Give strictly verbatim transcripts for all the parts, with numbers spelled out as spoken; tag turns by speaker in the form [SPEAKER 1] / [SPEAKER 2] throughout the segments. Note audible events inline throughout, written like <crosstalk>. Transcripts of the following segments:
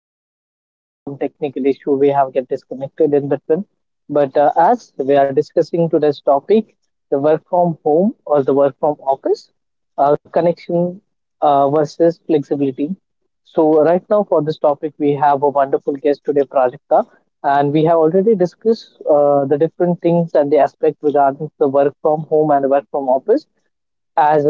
[SPEAKER 1] uh, bec- because of some technical issue, we have get disconnected in between. But uh, as we are discussing today's topic, the work from home or the work from office, uh, connection uh, versus flexibility. So right now for this topic, we have a wonderful guest today, Prajakta, and we have already discussed uh, the different things and the aspect regarding the work from home and work from office. As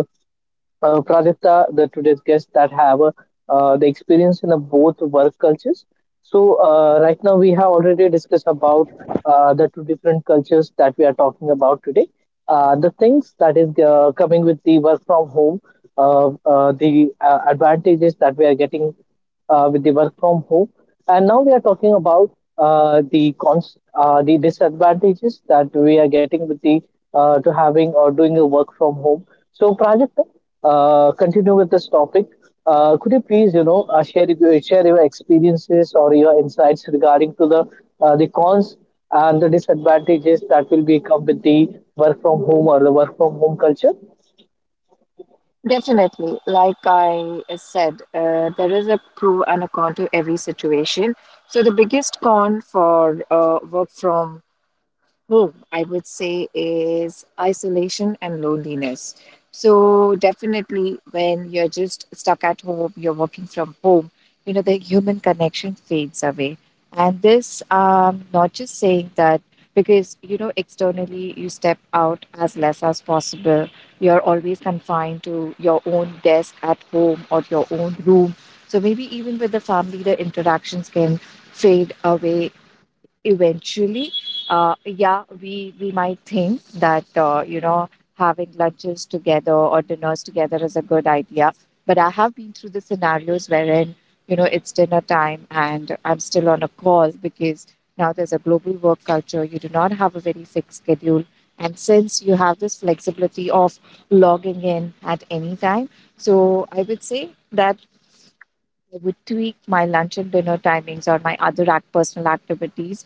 [SPEAKER 1] uh, Pradipta, the today's guests that have uh, uh, the experience in uh, both work cultures. So uh, right now we have already discussed about uh, the two different cultures that we are talking about today. Uh, the things that is uh, coming with the work from home, uh, uh, the uh, advantages that we are getting uh, with the work from home, and now we are talking about uh, the cons uh, the disadvantages that we are getting with the uh, to having or doing the work from home. So, Prajakta, uh, continue with this topic. Uh, could you please, you know, uh, share your- share your experiences or your insights regarding to the uh, the cons and the disadvantages that will become with the work from home or the work from home culture?
[SPEAKER 2] Definitely. Like I uh, said, uh, there is a pro and a con to every situation. So, the biggest con for uh, work from, oh, I would say is isolation and loneliness. So definitely when you're just stuck at home, you're working from home, you know, the human connection fades away. And this, um, not just saying that because, you know, externally you step out as less as possible. You're always confined to your own desk at home or your own room. So maybe even with the family, the interactions can fade away eventually. Uh, yeah, we we might think that uh, you know, having lunches together or dinners together is a good idea, but I have been through the scenarios wherein, you know, it's dinner time and I'm still on a call because now there's a global work culture. You do not have a very fixed schedule, and since you have this flexibility of logging in at any time, so I would say that I would tweak my lunch and dinner timings or my other act- personal activities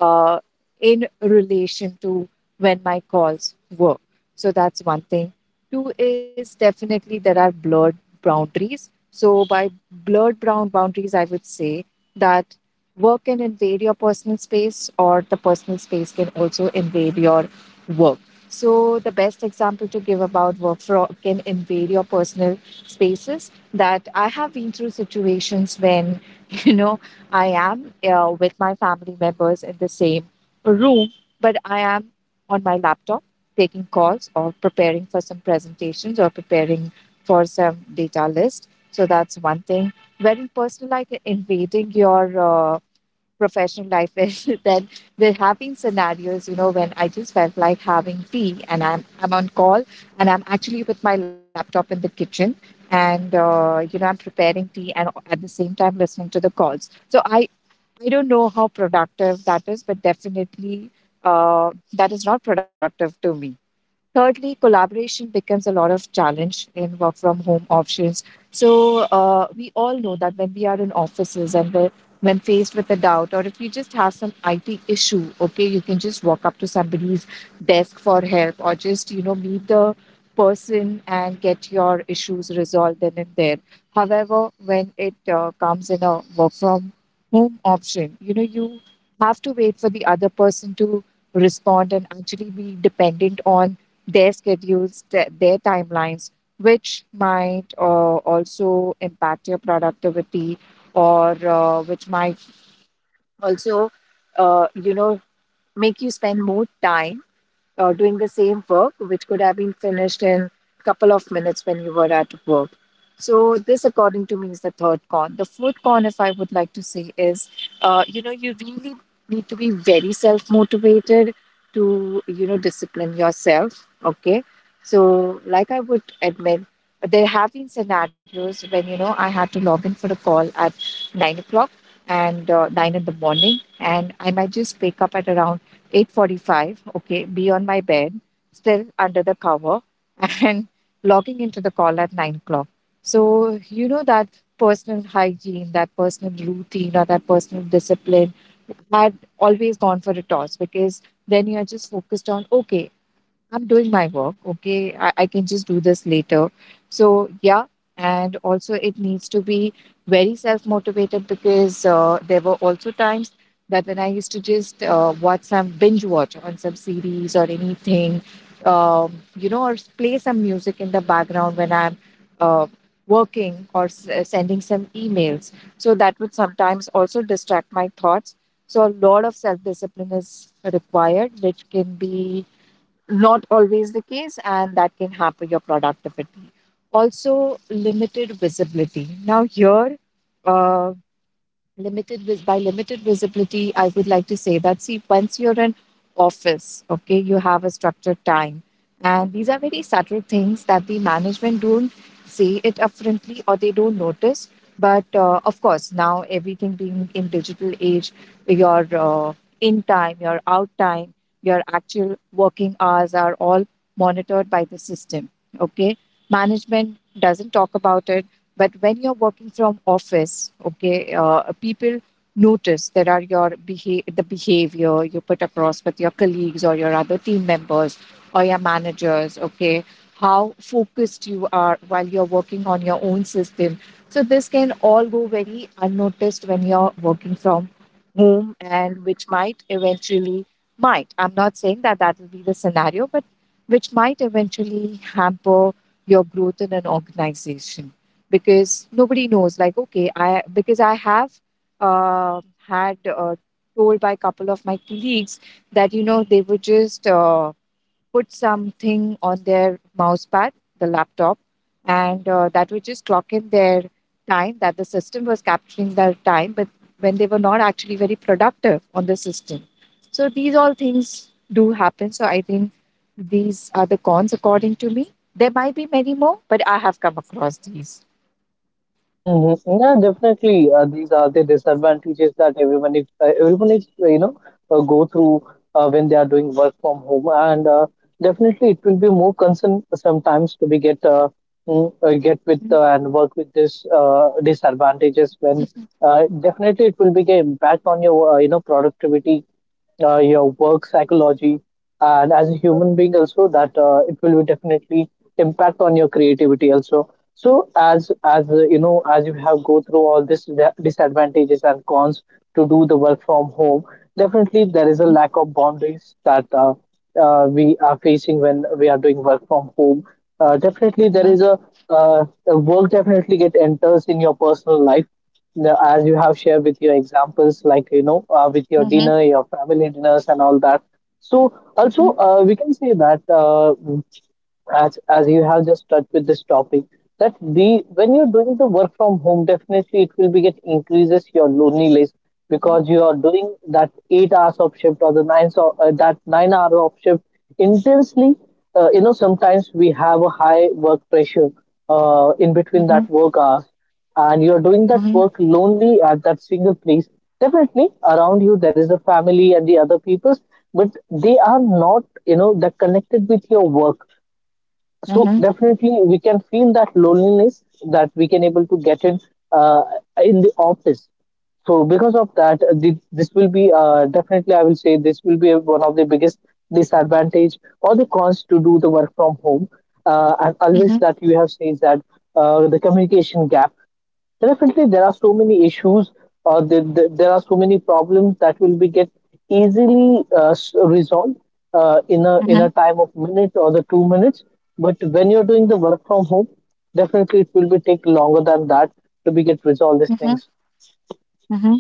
[SPEAKER 2] uh, in relation to when my calls were. So that's one thing. Two is, definitely there are blurred boundaries. So by blurred brown boundaries, I would say that work can invade your personal space, or the personal space can also invade your work. So the best example to give about work for, can invade your personal spaces, that I have been through situations when, <laughs> you know, I am uh, with my family members in the same room, but I am on my laptop taking calls or preparing for some presentations or preparing for some data list. So that's one thing. Very personal, like invading your uh, professional life is, <laughs> then there have been scenarios, you know, when I just felt like having tea and i'm i'm on call, and I'm actually with my laptop in the kitchen, and uh, you know, I'm preparing tea and at the same time listening to the calls. So i i don't know how productive that is, but definitely uh, that is not productive to me. Thirdly, collaboration becomes a lot of challenge in work from home options. So uh, we all know that when we are in offices and the, when faced with a doubt, or if you just have some I T issue, okay, you can just walk up to somebody's desk for help, or just, you know, meet the person and get your issues resolved then and there. However, when it uh, comes in a work from home option, you know, you have to wait for the other person to respond and actually be dependent on their schedules, th- their timelines, which might uh, also impact your productivity, or uh, which might also, uh, you know, make you spend more time uh, doing the same work, which could have been finished in a couple of minutes when you were at work. So this, according to me, is the third con. The fourth con, if I would like to say, is uh, you know, you really need to be very self motivated to, you know, discipline yourself. Okay, so like I would admit, there have been scenarios when, you know, I had to log in for a call at nine o'clock, and uh, nine in the morning, and I might just wake up at around eight forty-five, okay, be on my bed, still under the cover, <laughs> and logging into the call at nine o'clock. So, you know, that personal hygiene, that personal routine, or that personal discipline had always gone for a toss because then you're just focused on, okay, I'm doing my work. Okay. I, I can just do this later. So, yeah. And also, it needs to be very self motivated because uh, there were also times that when I used to just uh, watch some binge watch on some series or anything, um, you know, or s- play some music in the background when I'm uh, working or s- uh, sending some emails. So, that would sometimes also distract my thoughts. So, a lot of self discipline is required, which can be not always the case, and that can hamper your productivity. Also, limited visibility. Now, here, uh, limited vis- by limited visibility I would like to say that, see, once you're in office, okay, you have a structured time, and these are very subtle things that the management don't say it upfrontly or they don't notice. But uh, of course, now everything being in digital age, your uh, in time, your out time, your actual working hours are all monitored by the system. Okay, management doesn't talk about it, but when you're working from office, okay, uh, people notice there are your beha- the behavior you put across with your colleagues or your other team members or your managers, okay, how focused you are while you're working on your own system. So this can all go very unnoticed when you're working from home, and which might eventually, might, I'm not saying that that will be the scenario, but which might eventually hamper your growth in an organization, because nobody knows. Like, okay, I, because I have uh, had uh, told by a couple of my colleagues that, you know, they would just uh, put something on their mouse pad, the laptop, and uh, that would just clock in their time, that the system was capturing their time, but when they were not actually very productive on the system. So these all things do happen. So I think these are the cons according to me. There might be many more, but I have come across these.
[SPEAKER 1] Hmm. Yeah, definitely. Uh, these are the disadvantages that everyone is uh, everyone is uh, you know uh, go through uh, when they are doing work from home, and uh, definitely it will be more concern sometimes to be get uh, mm, uh, get with uh, and work with this uh, disadvantages when uh, definitely it will be get impact on your uh, you know productivity, uh, your work psychology, and as a human being also that uh, it will definitely impact on your creativity also. So as as uh, you know as you have go through all this di- disadvantages and cons to do the work from home, definitely there is a
[SPEAKER 2] Mhm.
[SPEAKER 1] lack of boundaries that uh, uh, we are facing when we are doing work from home. Uh, definitely there
[SPEAKER 2] Mhm.
[SPEAKER 1] is a, uh, the work definitely get enters in your personal life, the, as you have shared with your examples, like you know, uh, with your
[SPEAKER 2] Mhm.
[SPEAKER 1] dinner, your family dinners, and all that. So also,
[SPEAKER 2] Mhm.
[SPEAKER 1] uh, we can say that uh, as as you have just touched with this topic that the when you're doing the work from home, definitely it will be get increases your loneliness
[SPEAKER 2] Mhm.
[SPEAKER 1] because you are doing that eight hours of shift or the nine, so uh, that nine hour of shift intensely. Uh, you know sometimes we have a high work pressure uh, in between
[SPEAKER 2] Mhm.
[SPEAKER 1] that work hours, and you're doing that
[SPEAKER 2] Mhm.
[SPEAKER 1] work lonely at that single place. Definitely around you there is a family and the other peoples, but they are not, you know they're connected with your work.
[SPEAKER 2] Mhm.
[SPEAKER 1] So
[SPEAKER 2] Mhm.
[SPEAKER 1] definitely we can feel that loneliness that we can able to get in uh, in the office. So because of that uh, thi- this will be, uh, definitely I will say, this will be one of the biggest disadvantage or the cons to do the work from home. Uh, and always
[SPEAKER 2] Mhm.
[SPEAKER 1] that you have said that uh, the communication gap. Definitely, there are so many issues, or the, the, there are so many problems that will be get easily uh, s- resolved uh, in a in
[SPEAKER 2] Mhm.
[SPEAKER 1] a time of minute or the two minutes. But when you're doing the work from home, definitely it will be take longer than that to be get resolved these
[SPEAKER 2] Mhm.
[SPEAKER 1] things.
[SPEAKER 2] Mhm.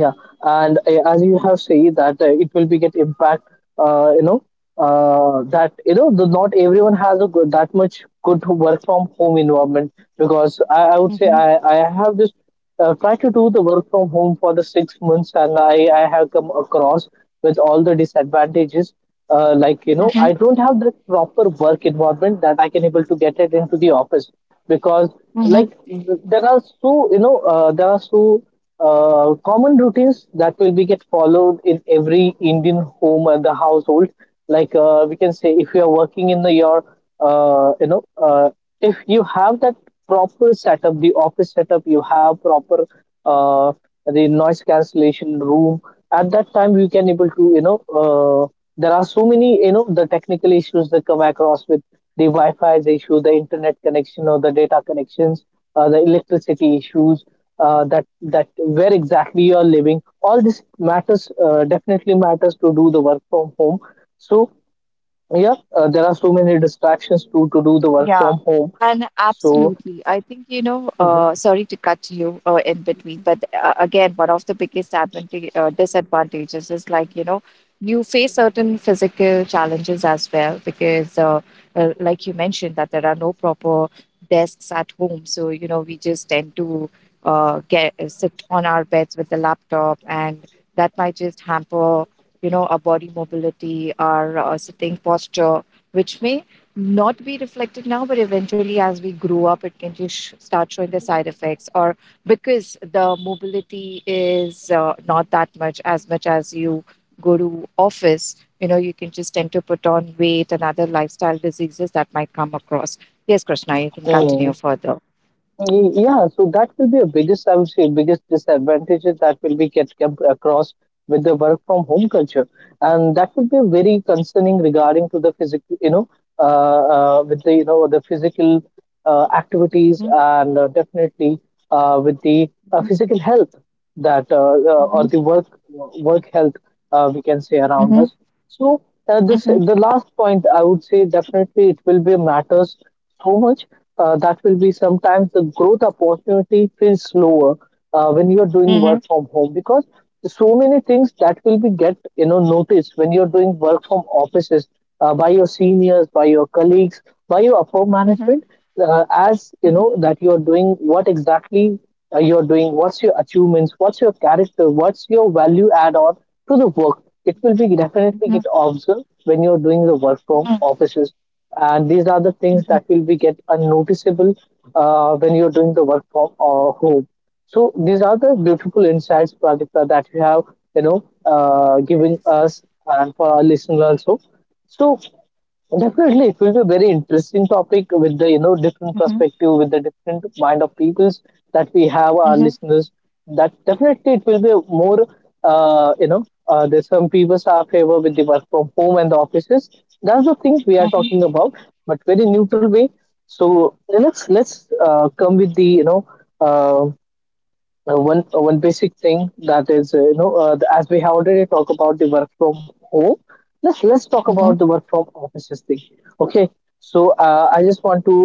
[SPEAKER 1] Yeah. And uh, as you have said that uh, it will be get impact uh, you know uh, that you know the, not everyone has a good, that much good work from home environment because I, I would say
[SPEAKER 2] Mhm.
[SPEAKER 1] I, I have just uh, tried to do the work from home for the six months, and I, I have come across with all the disadvantages, uh, like you know
[SPEAKER 2] Mhm.
[SPEAKER 1] I don't have the proper work environment that I can able to get it into the office, because
[SPEAKER 2] Mhm. Mhm.
[SPEAKER 1] like th- there are so you know uh, there are so uh, common routines that will be get followed in every Indian home and the household. Like, uh, we can say, if you are working in the your, uh, you know, uh, if you have that proper setup, the office setup, you have proper uh, the noise cancellation room. At that time, you can able to, you know, uh, there are so many, you know, the technical issues that come across with the Wi-Fi's issue, the internet connection or the data connections, uh, the electricity issues, uh, that that where exactly you are living. All this matters, uh, definitely matters to do the work from home. So yeah, uh, there are so many distractions to to do the work
[SPEAKER 2] Yeah,
[SPEAKER 1] from home.
[SPEAKER 2] and
[SPEAKER 1] So.
[SPEAKER 2] absolutely. I think, you know, uh, sorry to cut you uh, in between, but uh, again, one of the biggest advantage, uh, disadvantages is, like, you know, you face certain physical challenges as well because, uh, uh, like you mentioned, that there are no proper desks at home. So, you know, we just tend to uh, get uh, sit on our beds with the laptop, and that might just hamper, you know, our body mobility, our uh, sitting posture, which may not be reflected now, but eventually, as we grow up, it can just sh- start showing the side effects. Or because the mobility is uh, not that much, as much as you go to office, you know, you can just tend to put on weight and other lifestyle diseases that might come across. Yes, Krishna, you can
[SPEAKER 1] Mhm.
[SPEAKER 2] continue further.
[SPEAKER 1] Y- Yeah, so that will be a biggest, I would say, biggest disadvantages that will be get kept across with the work from home culture, and that would be very concerning regarding to the physical, you know, uh, uh, with the you know the physical uh, activities,
[SPEAKER 2] Mhm.
[SPEAKER 1] and uh, definitely uh, with the uh,
[SPEAKER 2] Mhm.
[SPEAKER 1] physical health that uh, uh, or
[SPEAKER 2] Mhm.
[SPEAKER 1] the work work health, uh, we can say around
[SPEAKER 2] Mhm.
[SPEAKER 1] us. So, uh, this the last point I would say definitely it will be matters so much, uh, that will be sometimes the growth opportunity feels slower uh, when you are doing
[SPEAKER 2] Mhm.
[SPEAKER 1] work from home because so many things that will be get you know noticed when you are doing work from offices, uh, by your seniors, by your colleagues, by your upper
[SPEAKER 2] Mhm. Mhm.
[SPEAKER 1] management, uh, as you know
[SPEAKER 2] Mhm.
[SPEAKER 1] that you are doing what exactly uh, you are doing, what's your achievements, what's your character, what's your value add on to the work, it will be definitely get
[SPEAKER 2] Mhm.
[SPEAKER 1] observed when you're doing the work from
[SPEAKER 2] Mhm.
[SPEAKER 1] offices. And these are the
[SPEAKER 2] Mhm.
[SPEAKER 1] things
[SPEAKER 2] Mhm.
[SPEAKER 1] that will be get unnoticeable uh, when you're doing the work from uh, home. So these are the beautiful insights, Pradipta, that you have you know uh, given us and for our listeners also. So, definitely, it will be a very interesting topic with the you know different
[SPEAKER 2] Mhm.
[SPEAKER 1] perspective, with the different mind of peoples that we have
[SPEAKER 2] Mhm.
[SPEAKER 1] our
[SPEAKER 2] Mhm. Mhm.
[SPEAKER 1] listeners. That definitely it will be a more, uh, you know uh, there's some people are favor with the work from home and the offices. That's the things we are talking about, but very neutral way. So let's let's uh, come with the you know uh, uh, one uh, one basic thing that is uh, you know uh, the, as we have already talked about the work from home, let's let's talk
[SPEAKER 2] Mhm.
[SPEAKER 1] about
[SPEAKER 2] Mhm.
[SPEAKER 1] the work from offices thing. Okay, so uh, I just want to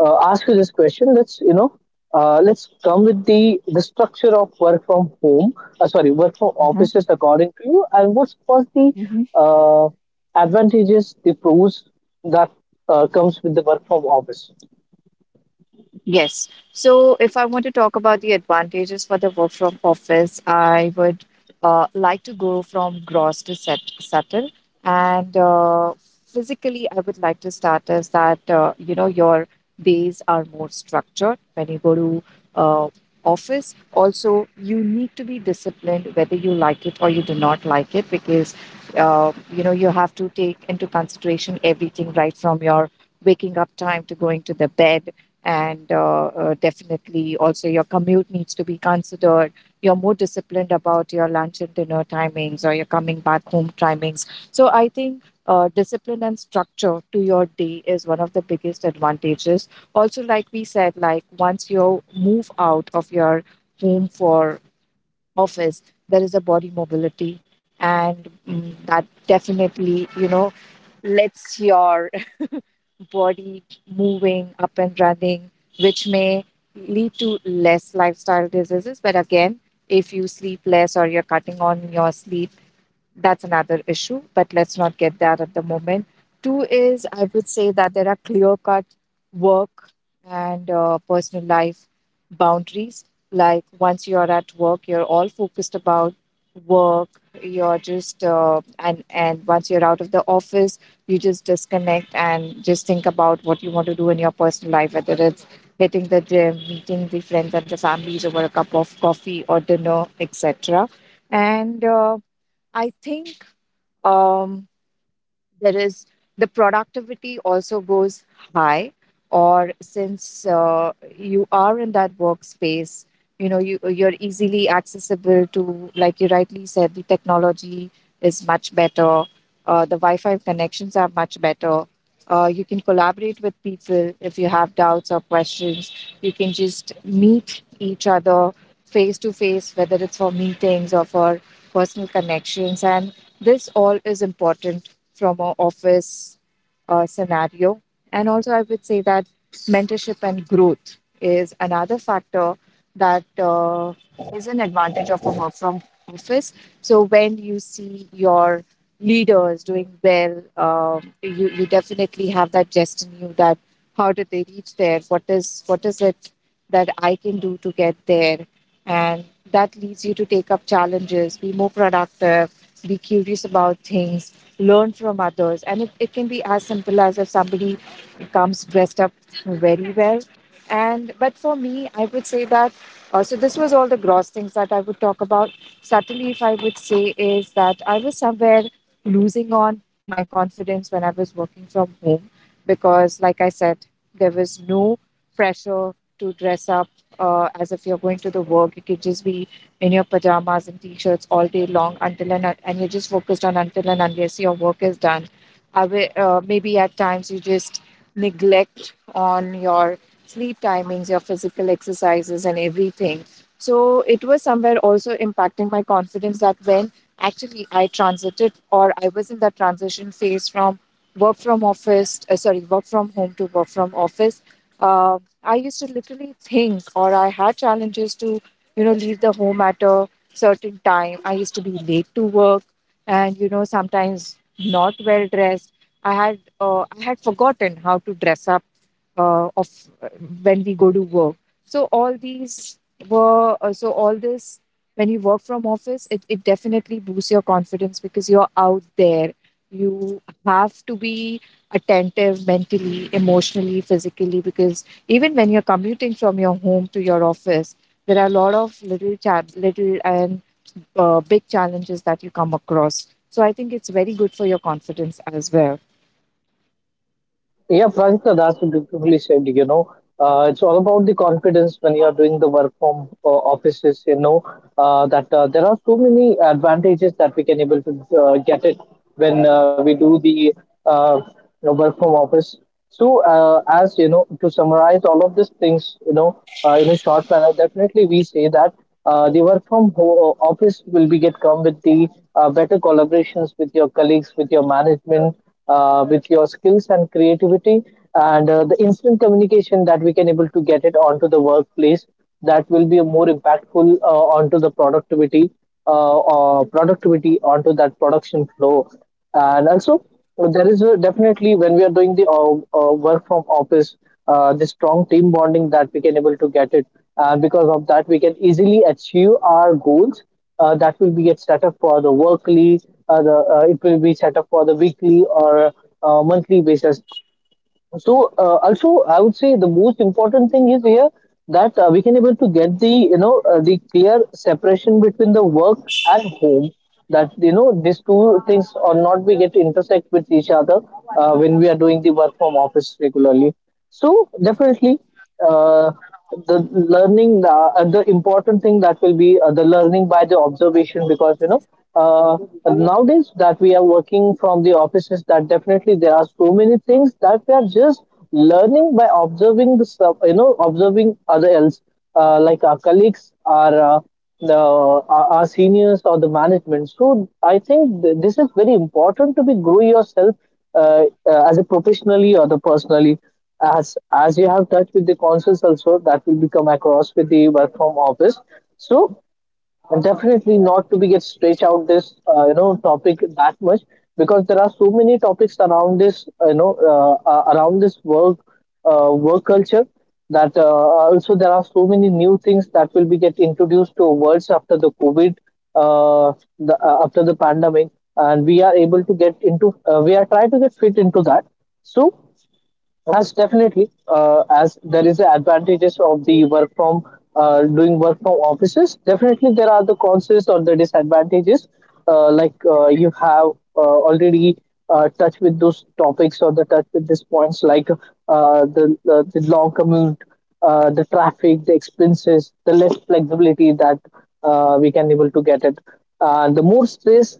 [SPEAKER 1] uh, ask you this question. Let's, you know uh, let's come with the the structure of work from home, uh, sorry, work from
[SPEAKER 2] Mhm.
[SPEAKER 1] offices, according to you, and what's what's the
[SPEAKER 2] Mhm.
[SPEAKER 1] uh, advantages, the pros that uh, comes with the work from office?
[SPEAKER 2] Yes. So, if I want to talk about the advantages for the work from office, I would uh, like to go from gross to set, subtle. And uh, physically, I would like to start as that, uh, you know, your days are more structured when you go to uh, office. Also, you need to be disciplined whether you like it or you do not like it, because uh, you know, you have to take into consideration everything right from your waking up time to going to the bed, and uh, uh, definitely also your commute needs to be considered. You're more disciplined about your lunch and dinner timings or your coming back home timings. So I think uh, discipline and structure to your day is one of the biggest advantages. Also, like we said, like once you move out of your home for office, there is a body mobility, and mm, that definitely, you know, lets your body moving up and running, which may lead to less lifestyle diseases. But again, if you sleep less or you're cutting on your sleep, that's another issue, but let's not get that at the moment. Two is, I would say that there are clear cut work and uh, personal life boundaries. Like once you're at work, you're all focused about work. You're just uh, and and once you're out of the office, you just disconnect and just think about what you want to do in your personal life, whether it's hitting the gym, meeting the friends and the families over a cup of coffee or dinner, et cetera. And uh, I think, um there is, the productivity also goes high, or since uh, you are in that workspace, you know, you you're easily accessible to, like you rightly said, the technology is much better, uh, the wi-fi connections are much better. Uh, you can collaborate with people if you have doubts or questions. You can just meet each other face to face, whether it's for meetings or for personal connections, and this all is important from a office uh, scenario. And also, I would say that mentorship and growth is another factor that uh, is an advantage of a work from office. So when you see your leaders doing well, um, you you definitely have that jest in you that how did they reach there? What is what is it that I can do to get there? And that leads you to take up challenges, be more productive, be curious about things, learn from others. And it, it can be as simple as if somebody comes dressed up very well. And but for me, I would say that uh, so this was all the gross things that I would talk about. Subtly, if I would say, is that I was somewhere losing on my confidence when I was working from home because, like I said, there was no pressure to dress up uh, as if you're going to the work. You could just be in your pajamas and t-shirts all day long until and and you're just focused on until and unless your work is done. I will, uh, maybe at times you just neglect on your sleep timings, your physical exercises, and everything. So it was somewhere also impacting my confidence that when actually I transited or I was in that transition phase from work from office uh, sorry, work from home to work from office, uh, I used to literally think or I had challenges to, you know, leave the home at a certain time. I used to be late to work, and, you know, sometimes not well dressed. i had uh, I had forgotten how to dress up uh, of when we go to work. So all these were uh, so all this, when you work from office, it, it definitely boosts your confidence because you're out there. You have to be attentive mentally, emotionally, physically, because even when you're commuting from your home to your office, there are a lot of little cha- little and uh, big challenges that you come across. So I think it's very good for your confidence as well.
[SPEAKER 1] Yeah, Prajita, that's beautifully said. You know, uh, it's all about the confidence when you are doing the work from uh, offices. You know uh, that uh, there are so many advantages that we can able to uh, get it when uh, we do the, uh, you know, work from office. So, uh, as you know, to summarize all of these things, you know, uh, in a short manner, definitely we say that uh, the work from ho- office will be get come with the uh, better collaborations with your colleagues, with your management, uh, with your skills and creativity, and uh, the instant communication that we can able to get it onto the workplace that will be more impactful uh, onto the productivity, uh, or productivity onto that production flow. And also there is a, definitely when we are doing the uh, uh, work from office, uh, the strong team bonding that we can able to get it, and because of that we can easily achieve our goals uh, that will be get set up for the workly, uh, the uh, it will be set up for the weekly or uh, monthly basis. So uh, also, I would say the most important thing is here, that uh, we can able to get the you know uh, the clear separation between the work and home. That, you know, these two things or not we get intersect with each other uh, when we are doing the work from office regularly. So definitely. Uh, the learning uh, uh, the important thing that will be uh, the learning by the observation, because you know uh, nowadays that we are working from the offices, that definitely there are so many things that we are just learning by observing the sub- you know observing other else, uh, like our colleagues, our uh, the our our seniors or the management. So I think th- this is very important to be grow yourself uh, uh, as a professionally or the personally. As as you have touched with the consoles also, that will be come across with the work from office. So and definitely not to be get stretch out this uh, you know topic that much, because there are so many topics around this uh, you know uh, uh, around this work uh, work culture. That uh, also there are so many new things that will be get introduced to worlds after the covid, uh, the, uh, after the pandemic, and we are able to get into uh, we are trying to get fit into that. So as definitely, uh, as there is the advantages of the work from uh, doing work from offices. Definitely, there are the cons or the disadvantages. Uh, like uh, you have uh, already uh, touched with those topics or the touch with these points, like uh, the, the the long commute, uh, the traffic, the expenses, the less flexibility that uh, we can able to get it, and the more stress,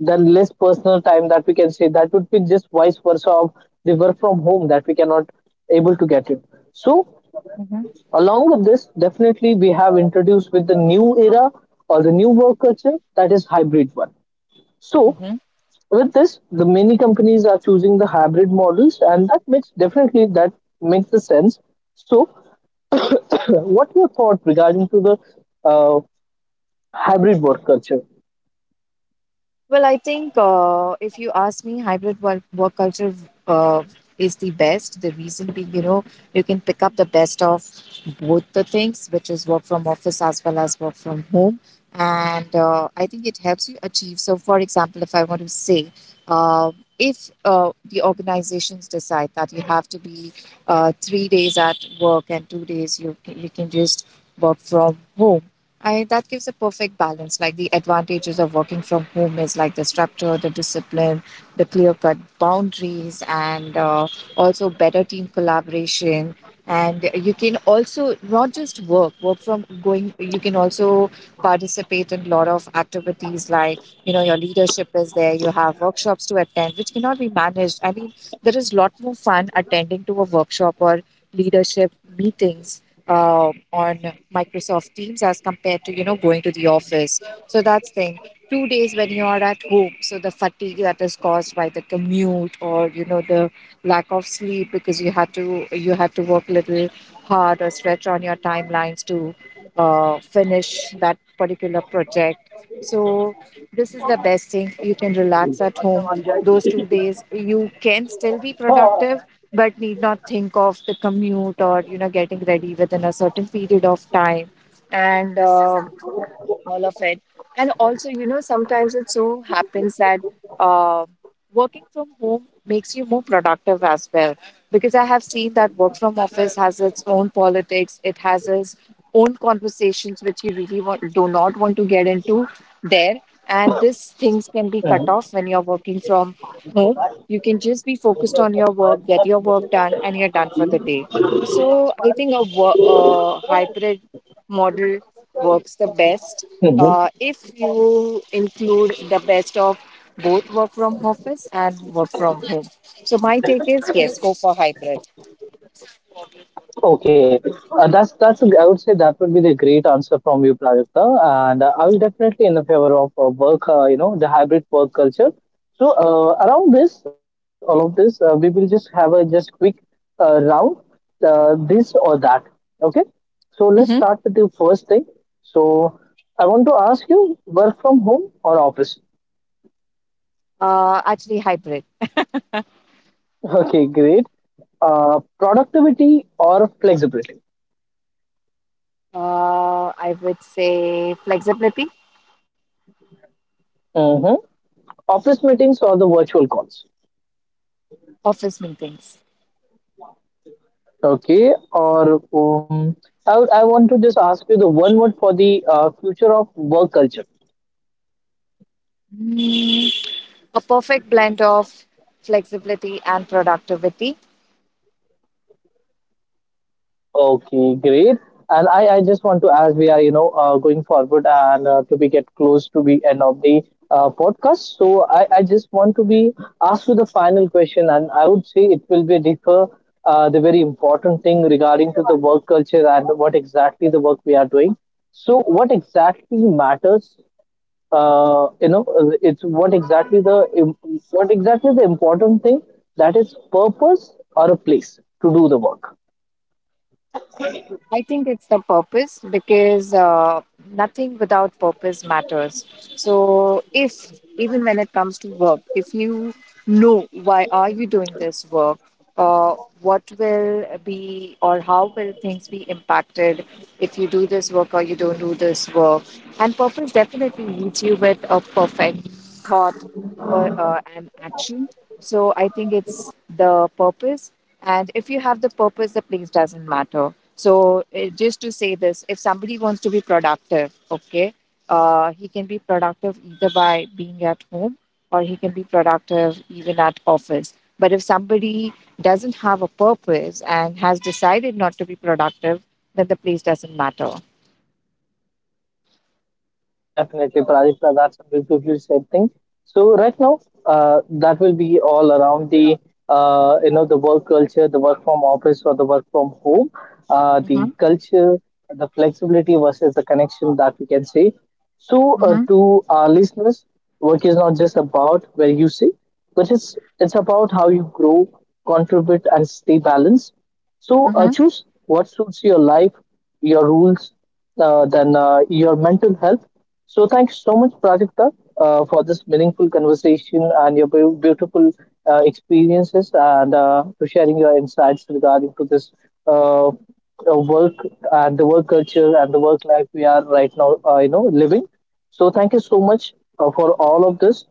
[SPEAKER 1] then less personal time, that we can say that would be just vice versa of the work from home, that we cannot able to get it. So
[SPEAKER 2] Mm-hmm.
[SPEAKER 1] along with this, definitely we have introduced with the new era or the new work culture, that is hybrid one. So with this, the many companies are choosing the hybrid models, and that makes definitely that makes the sense. So <clears throat> what your thought regarding to the uh, hybrid work culture?
[SPEAKER 2] Well, I think uh, if you ask me, hybrid work, work culture uh, is the best. The reason being, you know, you can pick up the best of both the things, which is work from office as well as work from home. And uh, I think it helps you achieve. So, for example, if I want to say, uh, if uh, the organizations decide that you have to be uh, three days at work and two days you, you can just work from home, I that gives a perfect balance. Like the advantages of working from home is like the structure, the discipline, the clear-cut boundaries, and uh, also better team collaboration. And you can also not just work, work from going. You can also participate in a lot of activities, like, you know, your leadership is there. You have workshops to attend, which cannot be managed. I mean, there is a lot more fun attending to a workshop or leadership meetings uh, on Microsoft Teams as compared to, you know, going to the office. So that's thing. Two days when you are at home, so the fatigue that is caused by the commute or, you know, the lack of sleep because you had to you had to work a little hard or stretch on your timelines to uh, finish that particular project. So this is the best thing. You can relax at home. Those two days, you can still be productive but need not think of the commute or, you know, getting ready within a certain period of time, and uh, all of it. And also, you know, sometimes it so happens that uh, working from home makes you more productive as well. Because I have seen that work from office has its own politics, it has its own conversations which you really want, do not want to get into there. And these things can be cut off when you're working from home. You can just be focused on your work, get your work done, and you're done for the day. So I think a wo- uh, hybrid model works the best uh, if you include the best of both work from office and work from home. So my take is yes, go for hybrid.
[SPEAKER 1] Okay, uh, that's that's a- I would say that would be the great answer from you, Prajakta, and uh, I will definitely in the favor of uh, work. Uh, you know, the hybrid work culture. So uh, around this, all of this, uh, we will just have a just quick uh, round, uh, this or that. Okay, so let's
[SPEAKER 2] Hmm.
[SPEAKER 1] start with the first thing. So I want to ask you, work from home or office?
[SPEAKER 2] Uh, actually, hybrid.
[SPEAKER 1] <laughs> Okay, great. Uh, productivity or flexibility?
[SPEAKER 2] Uh, I would say flexibility.
[SPEAKER 1] Hmm. Office meetings or the virtual calls?
[SPEAKER 2] Office meetings.
[SPEAKER 1] Okay, or um, I, would, I want to just ask you the one word for the uh, future of work culture.
[SPEAKER 2] Mm, a perfect blend of flexibility and productivity.
[SPEAKER 1] Okay, great. And I, I just want to, as we are, you know, uh, going forward and uh, to be get close to the end of the uh, podcast. So I, I just want to be asked you the final question, and I would say it will be differ, uh, the very important thing regarding to the work culture and what exactly the work we are doing. So what exactly matters, uh, you know it's what exactly the what exactly the important thing, that is purpose or a place to do the work?
[SPEAKER 2] I think it's the purpose because uh, nothing without purpose matters. So if, even when it comes to work, if you know why are you doing this work, uh, what will be, or how will things be impacted if you do this work or you don't do this work, and purpose definitely leads you with a perfect thought wo- uh, an action. So I think it's the purpose. And if you have the purpose, the place doesn't matter. So uh, just to say this, if somebody wants to be productive, okay, uh, he can be productive either by being at home or he can be productive even at office. But if somebody doesn't have a purpose and has decided not to be productive, then the place doesn't matter.
[SPEAKER 1] Definitely, Pradipta, that's a beautifully said thing. So right now, uh, that will be all around the uh, you know the work culture, the work from office or the work from home, uh, the
[SPEAKER 2] Mm-hmm.
[SPEAKER 1] culture, the flexibility versus the connection that we can say. So uh,
[SPEAKER 2] Mm-hmm.
[SPEAKER 1] to our listeners, work is not just about where you sit, but it's it's about how you grow, contribute, and stay balanced. So uh, choose what suits your life, your rules, uh, then uh, your mental health. So thank you so much, Prajakta, uh, for this meaningful conversation and your beau- beautiful uh, experiences and uh, to sharing your insights regarding to this uh, uh, work and the work culture and the work life we are right now, uh, you know, living. So thank you so much uh, for all of this.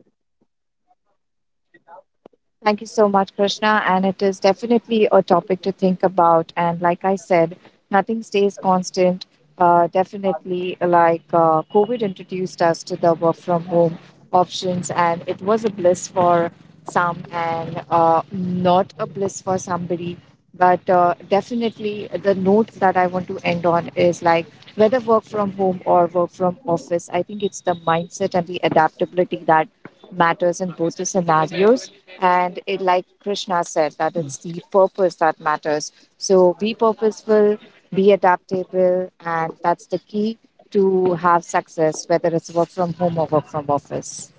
[SPEAKER 2] Thank you so much, Krishna. And it is definitely a topic to think about. And like I said, nothing stays constant. Uh, definitely, like uh, COVID introduced us to the work from home options, and it was a bliss for some and uh, not a bliss for somebody. But uh, definitely, the note that I want to end on is like whether work from home or work from office, I think it's the mindset and the adaptability that matters in both the scenarios. And it, like Krishna said, that it's the purpose that matters. So be purposeful, be adaptable, and that's the key to have success, whether it's work from home or work from office.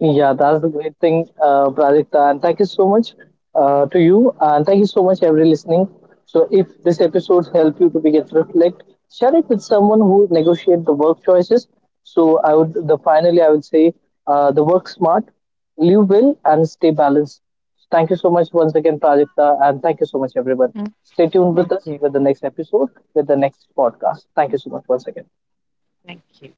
[SPEAKER 1] Yeah, that's the great thing, uh, Pradipta. And thank you so much uh, to you. And thank you so much, every listening. So, if this episode helped you to begin to reflect, share it with someone who negotiate the work choices. So, I would the finally I would say uh, the work smart, live well, and stay balanced. Thank you so much once again, Pradipta, and thank you so much, everyone.
[SPEAKER 2] Mhm.
[SPEAKER 1] Stay tuned with
[SPEAKER 2] Thank
[SPEAKER 1] us
[SPEAKER 2] you.
[SPEAKER 1] with the next episode with the next podcast. Thank you so much once again.
[SPEAKER 2] Thank you.